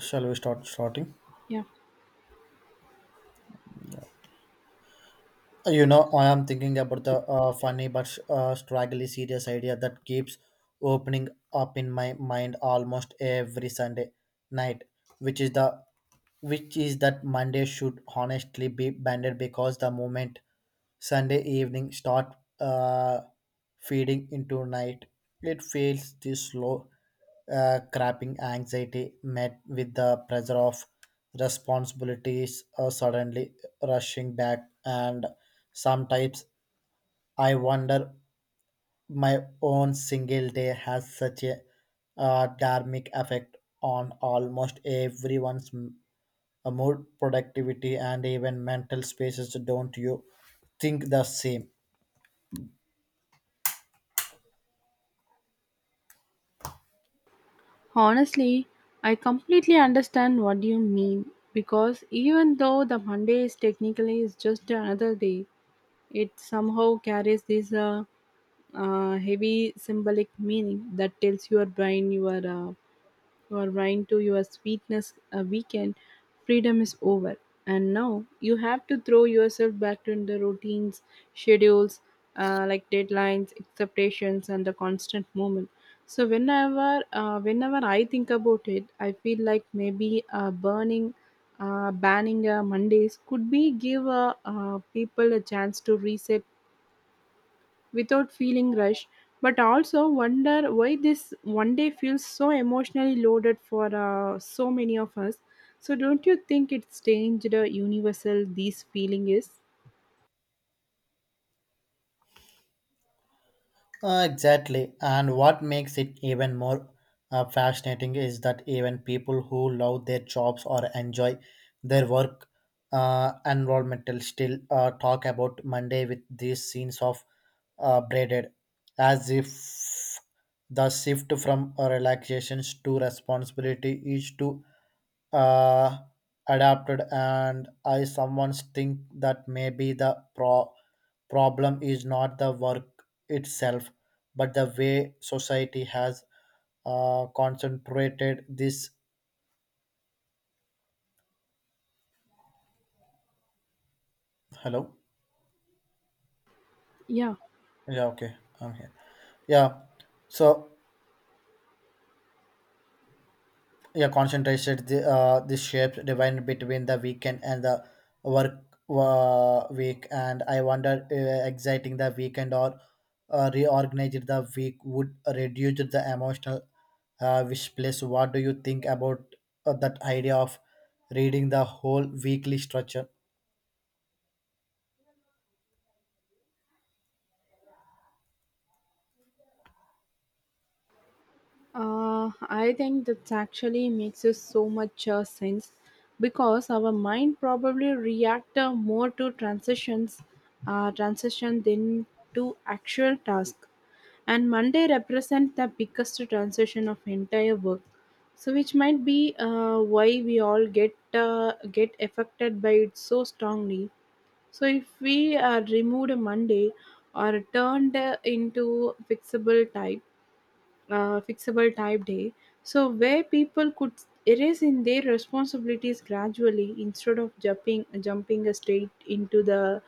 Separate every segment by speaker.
Speaker 1: Shall we start starting?
Speaker 2: Yeah,
Speaker 1: I am thinking about the funny but straggly serious idea that keeps opening up in my mind almost every Sunday night, which is the which is that Monday should honestly be banned because the moment Sunday evening start uh, feeding into night, it feels this slow crapping anxiety met with the pressure of responsibilities suddenly rushing back. And sometimes I wonder my own single day has such a dynamic effect on almost everyone's mood productivity and even mental spaces, don't you think the same?
Speaker 2: honestly, I completely understand what you mean because even though the Monday is technically, is just another day, it somehow carries this heavy symbolic meaning that tells your brain you are, your mind to your sweetness a weekend freedom is over, and now you have to throw yourself back to the routines schedules, like deadlines expectations and the constant movement. So whenever I think about it, I feel like maybe burning, banning, mondays could be give people a chance to reset without feeling rushed, but also wonder why this one day feels so emotionally loaded for so many of us. So, don't you think it's changed, universal these feeling is?
Speaker 1: Exactly. And what makes it even more fascinating is that even people who love their jobs or enjoy their work environmental still talk about Monday with these scenes of braided, as if the shift from relaxations to responsibility is to uh, adapted. And I sometimes think that maybe the problem is not the work itself but the way society has concentrated this. Hello?
Speaker 2: Yeah.
Speaker 1: Yeah, okay, I'm here. Yeah. So, yeah, concentrated the shapes divided between the weekend and the work week, and I wonder exciting the weekend or reorganized the week would reduce the emotional wish place. What do you think about that idea of reading the whole weekly structure?
Speaker 2: I think that actually makes us so much sense, because our mind probably react more to transition than to actual task. And Monday represent the biggest transition of entire work, so which might be why we all get affected by it so strongly. So if we removed Monday or turned into fixable type day, so where people could erase in their responsibilities gradually instead of jumping straight into the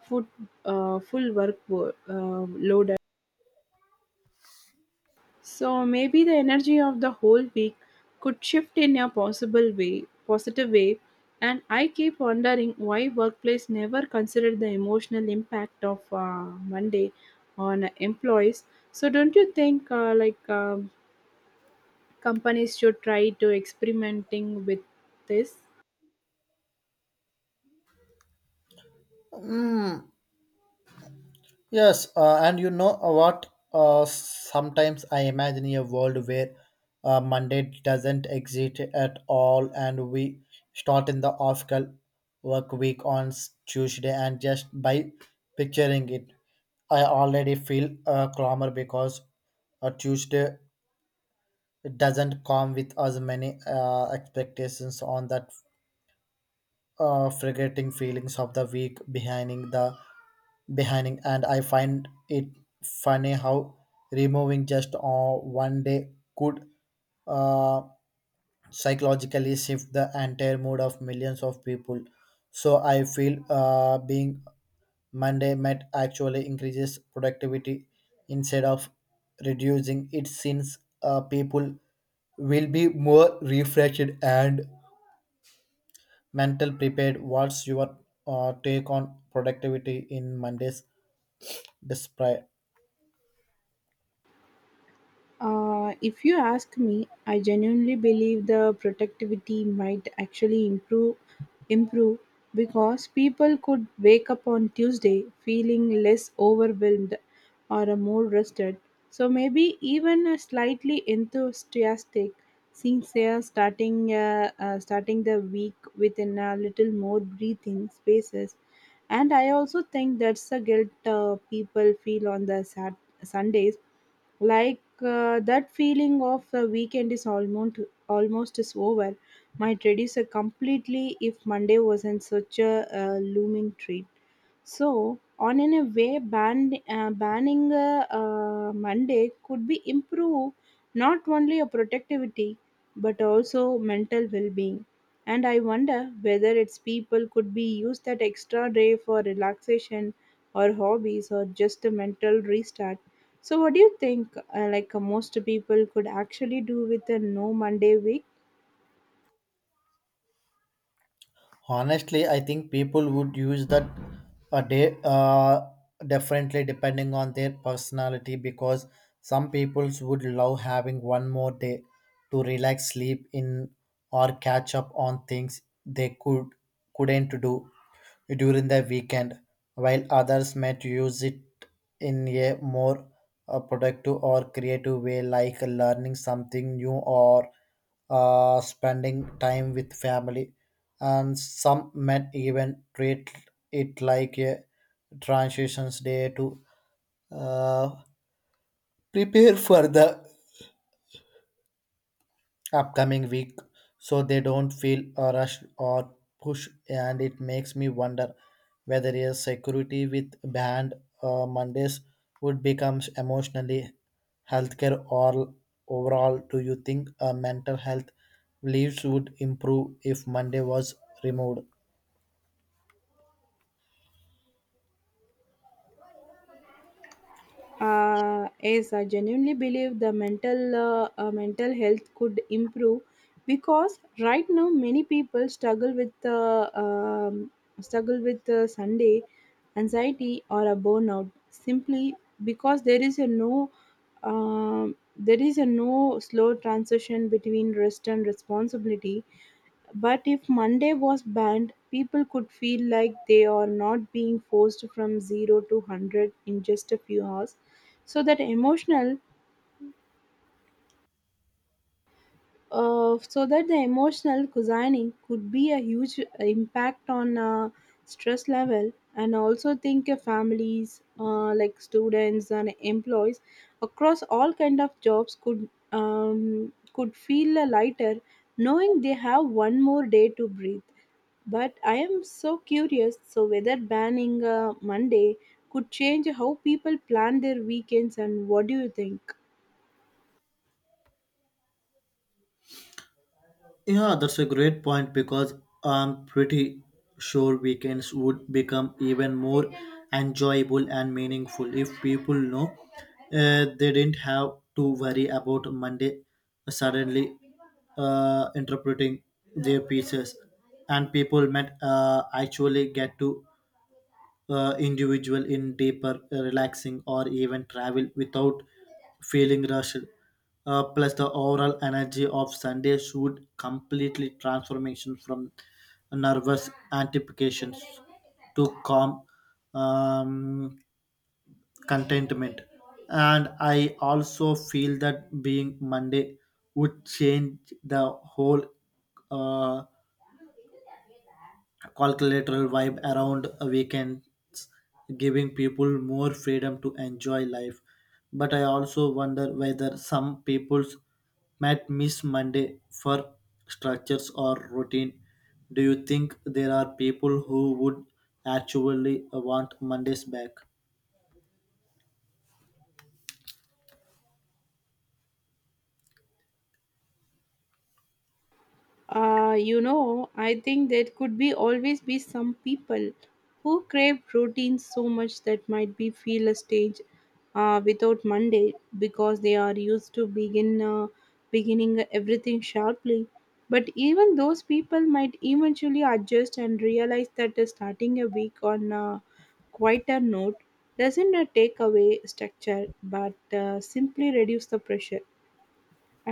Speaker 2: foot, full loaded. So maybe the energy of the whole week could shift in a positive way. And I keep wondering why workplace never considered the emotional impact of Monday on employees. So don't you think like, companies should try to experimenting with this.
Speaker 1: Hmm. Yes, and you know what? Sometimes I imagine a world where Monday doesn't exist at all, and we start in the official work week on Tuesday. And just by picturing it, I already feel a clamor because a Tuesday doesn't come with as many expectations on that forgetting feelings of the week behinding, and I find it funny how removing just one day could uh, psychologically shift the entire mood of millions of people. So I feel being monday might actually increases productivity instead of reducing it since people will be more refreshed and mental prepared. What's your take on productivity in monday's display?
Speaker 2: If you ask me, I genuinely believe the productivity might actually improve, because people could wake up on Tuesday feeling less overwhelmed or more rested. So maybe even a slightly enthusiastic since they are starting the week within a little more breathing spaces. And I also think that's the guilt people feel on the Sundays, like that feeling of the weekend is almost is over, might reduce completely if monday wasn't such a looming treat. So, on in a way, banning Monday could be improve not only a productivity but also mental well-being. And I wonder whether its people could be used that extra day for relaxation or hobbies or just a mental restart. So, what do you think? Like most people could actually do with a no Monday week?
Speaker 1: Honestly, I think people would use that a day differently depending on their personality, because some people would love having one more day to relax, sleep in, or catch up on things they couldn't do during the weekend, while others might use it in a more productive or creative way, like learning something new or spending time with family. And some men even treat it like a transitions day to uh, prepare for the upcoming week, so they don't feel a rush or push. And it makes me wonder whether a security with banned mondays would become emotionally healthcare or overall. Do you think mental health leaves would improve if monday was removed?
Speaker 2: Is I genuinely believe the mental, mental health could improve, because right now many people struggle with Sunday anxiety or a burnout, simply because there is a no slow transition between rest and responsibility. But if Monday was banned, people could feel like they are not being forced from 0 to 100 in just a few hours. So that the emotional cuisine could be a huge impact on stress level. And also think of families, like students and employees across all kind of jobs, could feel lighter knowing they have one more day to breathe. But I am so curious so whether banning Monday could change how people plan their weekends, and what do you think?
Speaker 1: Yeah, that's a great point because I'm pretty sure weekends would become even more enjoyable and meaningful if people know they didn't have to worry about Monday suddenly interpreting their pieces, and people might actually get to individual in deeper relaxing or even travel without feeling rushed. Plus the overall energy of sunday should completely transformation from nervous anticipations to calm, um, contentment. And I also feel that being monday would change the whole uh, calculator vibe around weekends, giving people more freedom to enjoy life. But I also wonder whether some people might miss Monday for structures or routine. Do you think there are people who would actually want Mondays back?
Speaker 2: You know, I think there could be always be some people who crave protein so much that might be feel a stage without Monday, because they are used to beginning everything sharply. But even those people might eventually adjust and realize that starting a week on a quieter note doesn't take away structure, but simply reduce the pressure.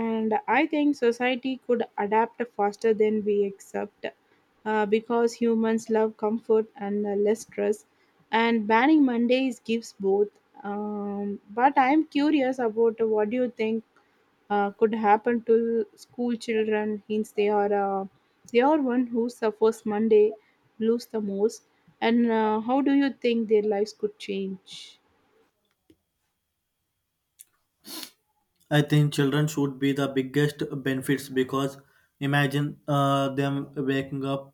Speaker 2: And I think society could adapt faster than we accept, because humans love comfort and less stress, and banning mondays gives both. But I'm curious about what do you think could happen to school children, since uh, they are one who suffers monday blues the most. And how do you think their lives could change?
Speaker 1: I think children should be the biggest benefits because imagine them waking up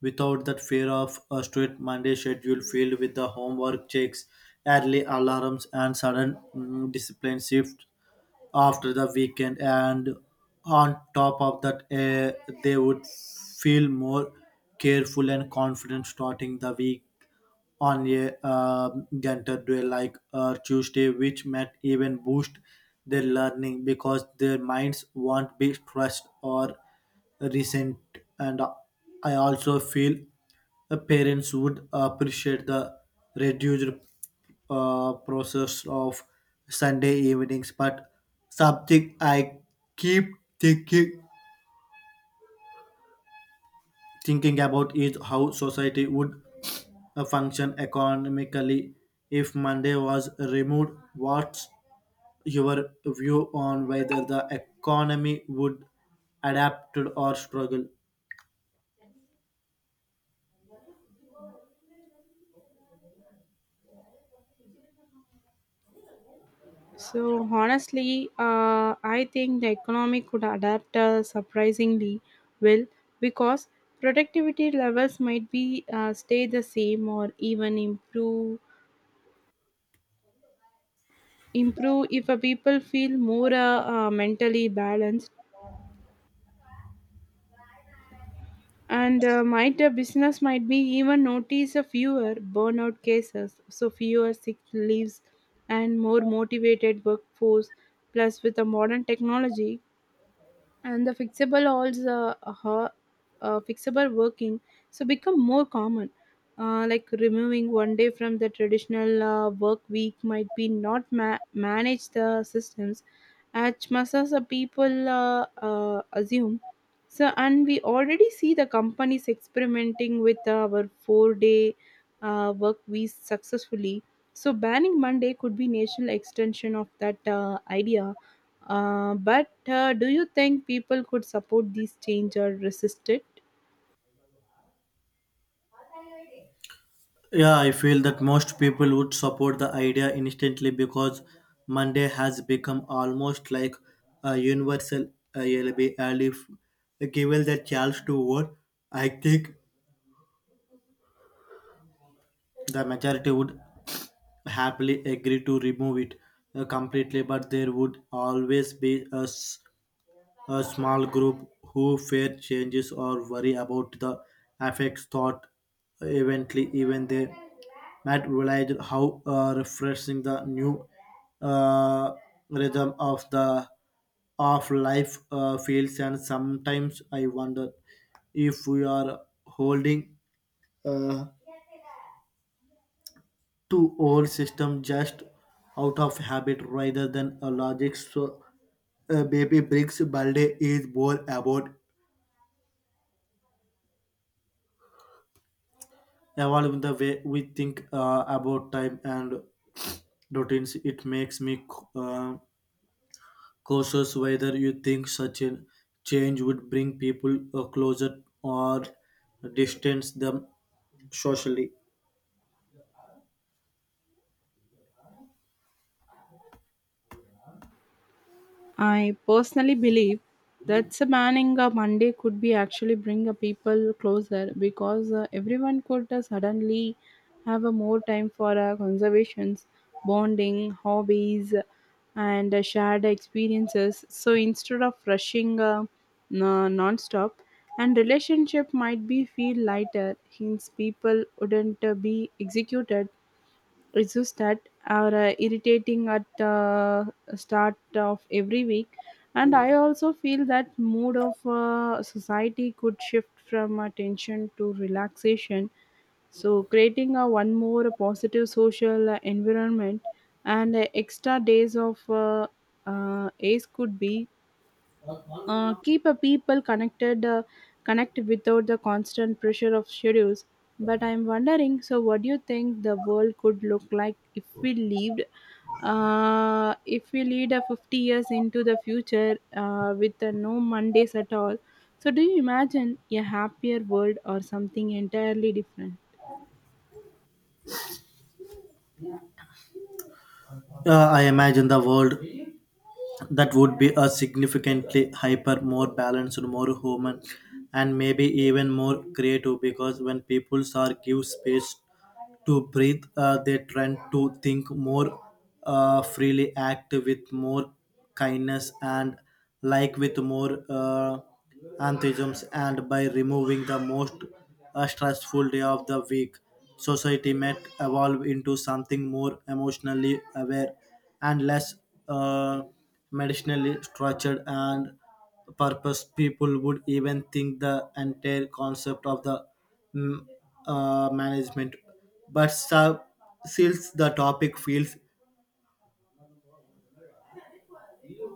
Speaker 1: without that fear of a strict Monday schedule filled with the homework checks, early alarms, and sudden discipline shift after the weekend. And on top of that, they would feel more careful and confident starting the week on a gentle day like Tuesday, which might even boost their learning because their minds won't be stressed or resent. And I also feel parents would appreciate the reduced process of Sunday evenings, but something I keep thinking thinking about is how society would function economically if Monday was removed. What's your view on whether the economy would adapt or struggle?
Speaker 2: So honestly, I think the economy could adapt surprisingly well, because productivity levels might be stay the same or even improve if a people feel more, mentally balanced. And might a business might be even notice a fewer burnout cases, so fewer sick leaves and more motivated workforce, plus with the modern technology and the fixable working so become more common, like removing one day from the traditional work week might be not manage the systems as much as the people assume. So and we already see the companies experimenting with our 4-day work week successfully, so banning monday could be national extension of that idea. But do you think people could support these change or resist it?
Speaker 1: Yeah, I feel that most people would support the idea instantly because Monday has become almost like a universal alibi. And if given the chance to vote, I think the majority would happily agree to remove it completely, but there would always be a small group who fear changes or worry about the effects thought. Eventually even they might realize how refreshing the new uh, rhythm of the of life feels. And sometimes I wonder if we are holding uh, to old system just out of habit rather than a logic. So baby bricks balde is more about evolving the way we think about time and routines. It makes me uh, cautious whether you think such a change would bring people closer or distance them socially.
Speaker 2: I personally believe that Sabanning a Monday could be actually bring a people closer, because everyone could suddenly have a more time for conservations, bonding, hobbies, and shared experiences. So instead of rushing non-stop, and relationship might be feel lighter, hence people wouldn't be executed, it's just that are irritating at start of every week. And I also feel that mood of society could shift from attention to relaxation, so creating a one more positive social environment, and extra days of, ace could be, keep a people connected connected without the constant pressure of schedules. But I'm wondering so what do you think the world could look like if we lived if we lead a 50 years into the future, with no mondays at all? So do you imagine a happier world or something entirely different?
Speaker 1: I imagine the world that would be a significantly hyper more balanced, more human, and maybe even more creative, because when people are give space to breathe they tend to think more freely, act with more kindness and like with more enthusiasm. And by removing the most stressful day of the week, society might evolve into something more emotionally aware and less uh, medicinally structured and purpose. People would even think the entire concept of the mm, management. But since the topic feels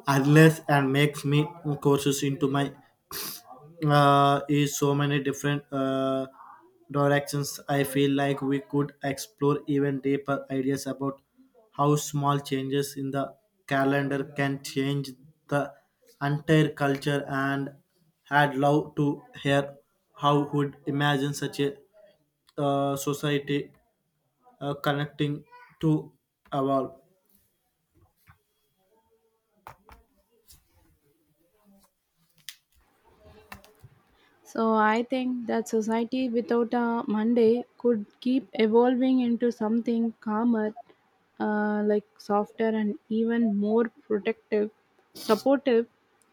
Speaker 1: endless and makes me courses into my is so many different directions. I feel like we could explore even deeper ideas about how small changes in the calendar can change the entire culture, and had loved to hear how would imagine such a society connecting to evolve.
Speaker 2: So I think that society without a Monday could keep evolving into something calmer, like softer and even more supportive.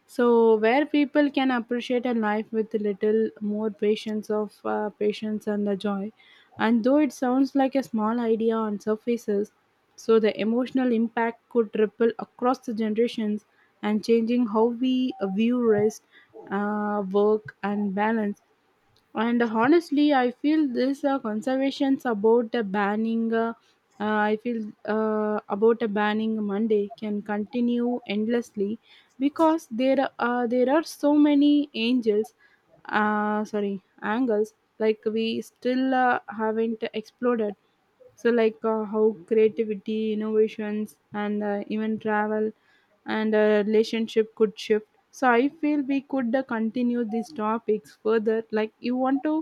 Speaker 2: So where people can appreciate a life with a little more patience and the joy. And though it sounds like a small idea on surfaces, so the emotional impact could ripple across the generations, and changing how we view rest, work and balance. And honestly, I feel this conservations about the banning. I feel about a banning Monday can continue endlessly, because there are so many angels, sorry angles, like we still haven't explored. So like how creativity innovations and even travel and relationship could shift. So I feel we could continue these topics further like you want to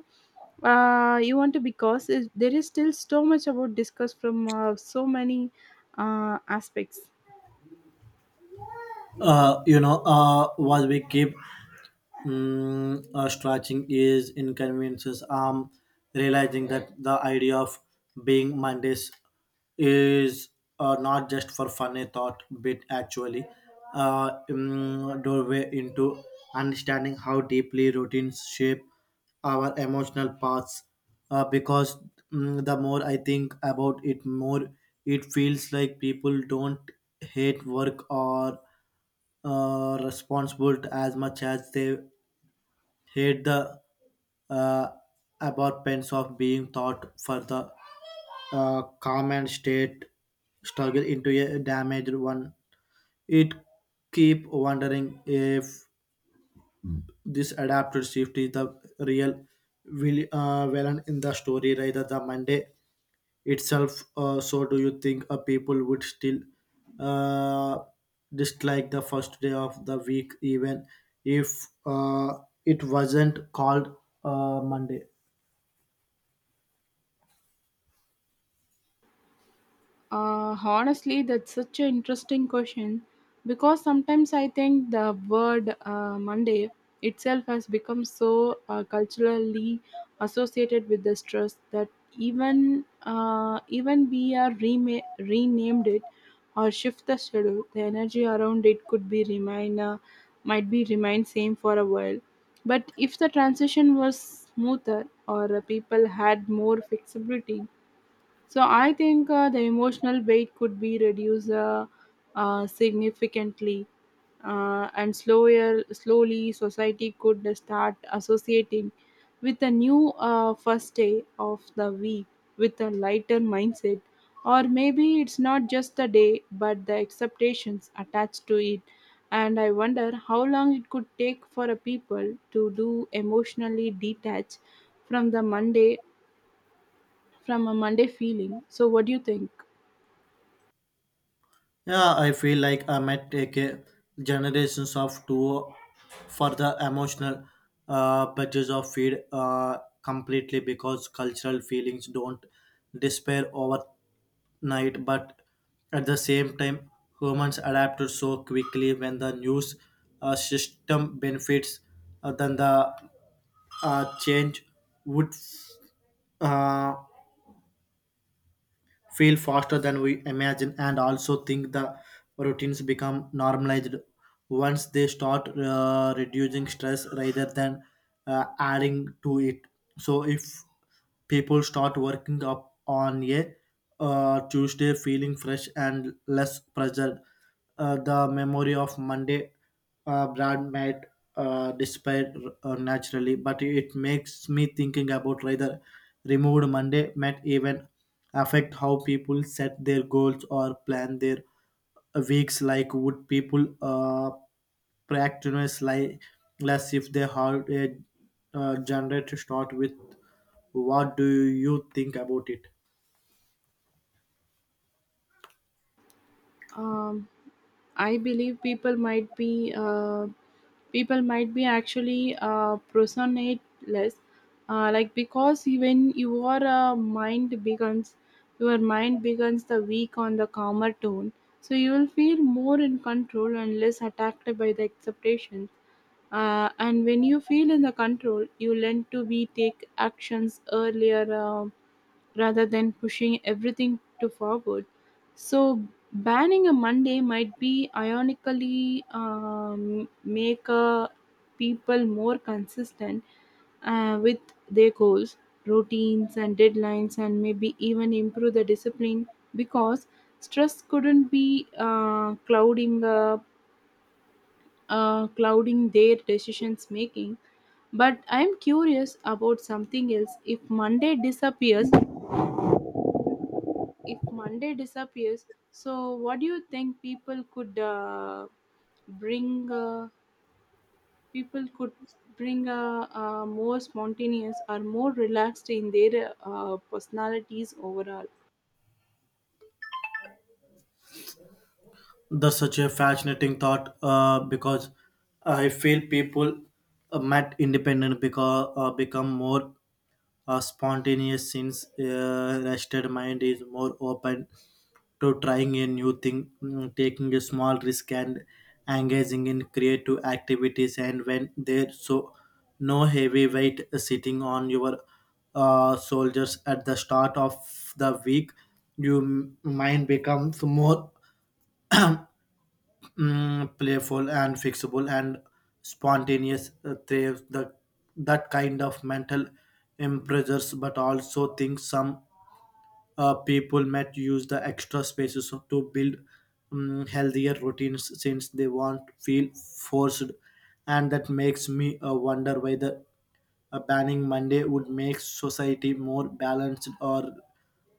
Speaker 2: uh, you want to, because it, there is still so much about discuss from so many aspects.
Speaker 1: What we keep stretching is inconveniences. I'm realizing that the idea of being Mondays is not just for fun. A thought, but actually doorway into understanding how deeply routines shape our emotional paths. Because the more I think about it, more it feels like people don't hate work or responsible as much as they hate the uh, aberrations of being thought for the common state struggle into a damaged one. It keep wondering if this adaptive shift is the real will villain in the story rather than Monday itself. So, do you think people would still uh, dislike the first day of the week even if it wasn't called Monday?
Speaker 2: Honestly, that's such an interesting question, because sometimes I think the word Monday itself has become so culturally associated with the stress that even we are renamed it or shift the schedule, the energy around it could be remain, might be remain same for a while. But if the transition was smoother or people had more flexibility, so I think the emotional weight could be reduced, significantly, and slowly society could start associating with a new first day of the week with a lighter mindset, or maybe it's not just the day but the expectations attached to it. And I wonder how long it could take for a people to do emotionally detach from the Monday from a Monday feeling. So what do you think?
Speaker 1: Yeah, I feel like I might take a generations of two for the emotional budgets of feed completely, because cultural feelings don't despair overnight. But at the same time, humans adapt so quickly when the news system benefits then the change would uh, feel faster than we imagine. And also think the routines become normalized once they start reducing stress rather than adding to it. So if people start working up on a tuesday feeling fresh and less pressured, the memory of Monday Brad might disappear naturally. But it makes me thinking about whether removed Monday might even affect how people set their goals or plan their weeks. Like, would people practice like less if they had a genre to start with? What do you think about it?
Speaker 2: um, I believe people might be actually personateless, like, because even your mind becomes the weak on the calmer tone, so you will feel more in control and less attacked by the acceptation. And when you feel in the control, you learn to be take actions earlier, rather than pushing everything to forward. So banning a Monday might be ironically, make people more consistent with their goals, routines, and deadlines, and maybe even improve the discipline, because stress couldn't be, clouding their decisions making. But I'm curious about something else. If Monday disappears, so what do you think bring? Uh, people could bring more spontaneous or more relaxed in their personalities overall.
Speaker 1: That's such a fascinating thought because I feel people met independent because become more spontaneous since rested mind is more open to trying a new thing, taking a small risk and engaging in creative activities. And when there's so no heavy weight sitting on your soldiers at the start of the week, your mind becomes more playful and fixable, and spontaneous thrives the that kind of mental impressors. But also think some people might use the extra spaces to build healthier routines since they won't feel forced. And that makes me wonder whether a banning monday would make society more balanced or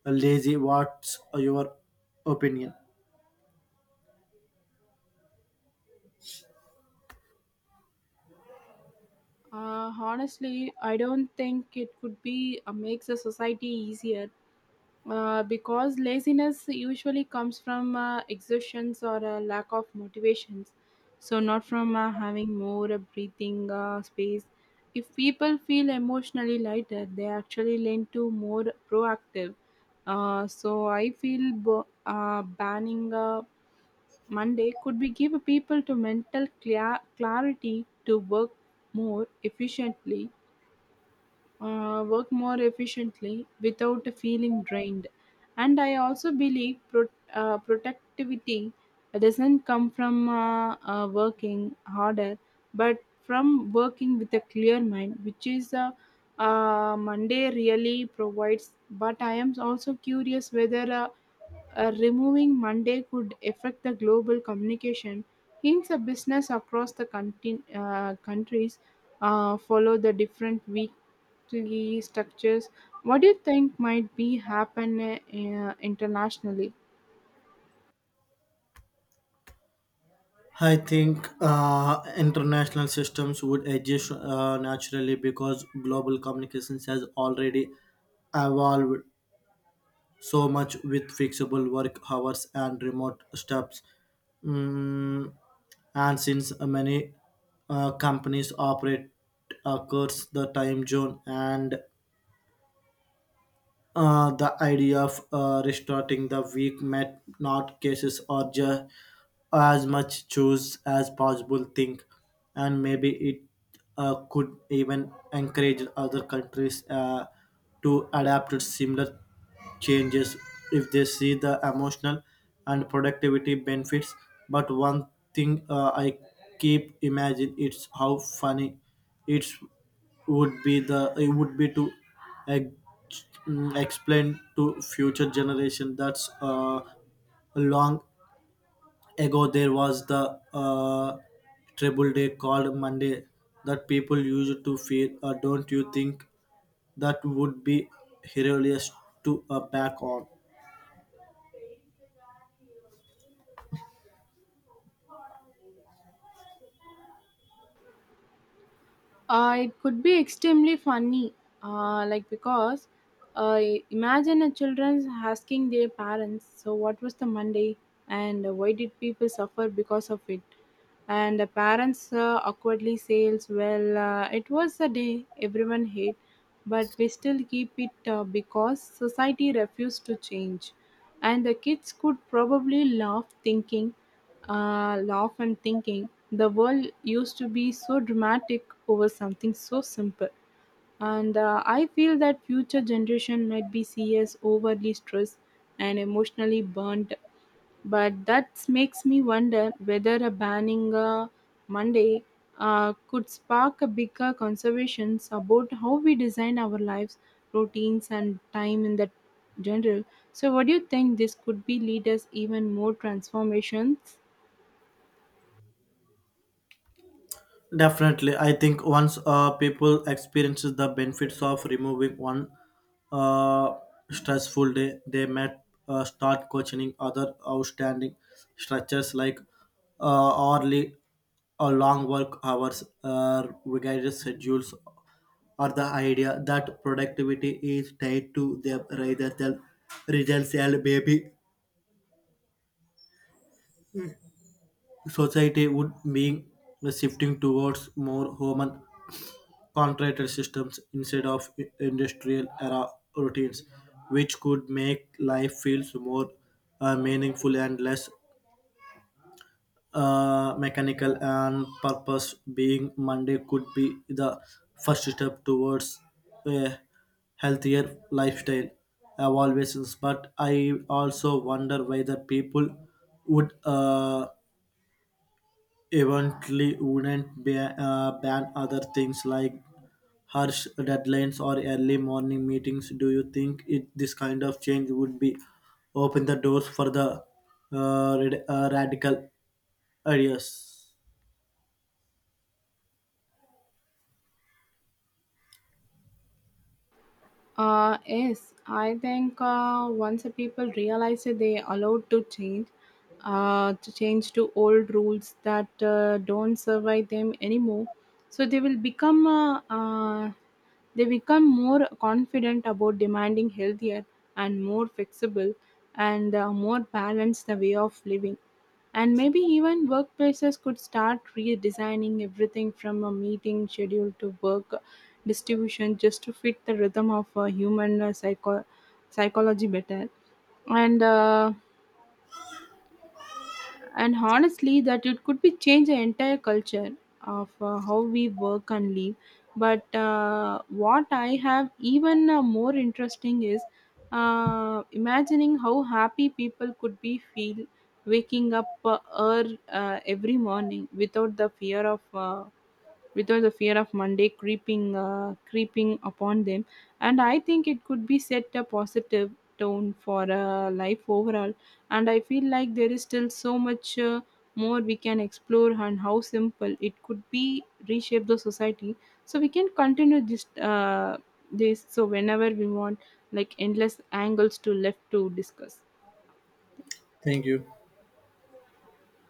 Speaker 1: lazy. What's your opinion?
Speaker 2: Honestly, I don't think it could be makes the society easier, because laziness usually comes from exhaustions or a lack of motivations, so not from having more breathing space. If people feel emotionally lighter, they actually lean to more proactive, so I feel banning monday could be give people to mental clarity to more efficiently work more efficiently without feeling drained. And I also believe productivity doesn't come from working harder, but from working with a clear mind, which is Monday really provides. But I am also curious whether, removing Monday could affect the global communication, hence a business across the countries follow the different week structures. What do you think might be happen internationally?
Speaker 1: I think international systems would adjust naturally, because global communications has already evolved so much with flexible work hours and remote steps. Mm, and since many companies operate across the time zone, and the idea of restarting the week might not cases or as much choose as possible think. And maybe it could even encourage other countries to adapt to similar changes if they see the emotional and productivity benefits. But one thing I keep imagine it's how funny it's would be the it would be to explain to future generation that's long ago there was the uh, treble day called monday that people used to fear. Don't you think that would be hilarious to back on?
Speaker 2: It could be extremely funny, like, because uh, imagine a children's asking their parents, so what was the Monday and why did people suffer because of it? And the parents awkwardly says, well, it was a day everyone hate, but we still keep it because society refused to change. And the kids could probably laugh thinking, laugh and thinking. The world used to be so dramatic over something so simple, and I feel that future generation might be seen as overly stressed and emotionally burnt. But that makes me wonder whether a banning Monday could spark a bigger conversations about how we design our lives, routines, and time in that general. So, what do you think this could be lead us even more transformations?
Speaker 1: Definitely, I think once people experiences the benefits of removing one uh, stressful day, they might start questioning other outstanding structures like hourly or long work hours, regulated schedules, or the idea that productivity is tied to them rather than results. And maybe society would be shifting towards more human contracted systems instead of industrial era routines, which could make life feels more meaningful and less mechanical and purpose. Being Monday could be the first step towards a healthier lifestyle. I but I also wonder whether people would. Eventually wouldn't ban other things like harsh deadlines or early morning meetings. Do you think it, this kind of change would be open the doors for the radical ideas?
Speaker 2: Yes, I think once the people realize that they allowed to change, to change to old rules that don't survive them anymore, so they will become more confident about demanding healthier and more flexible and more balanced the way of living. And maybe even workplaces could start redesigning everything from a meeting schedule to work distribution just to fit the rhythm of human, psychology better. And and honestly that it could be change the entire culture of how we work and live, but what I have even more interesting is imagining how happy people could be feel waking up, every morning without the fear of uh, without the fear of Monday creeping upon them. And I think it could be set a positive tone for life overall. And I feel like there is still so much more we can explore and how simple it could be reshape the society. So we can continue this so whenever we want, like endless angles to left to discuss.
Speaker 1: Thank you.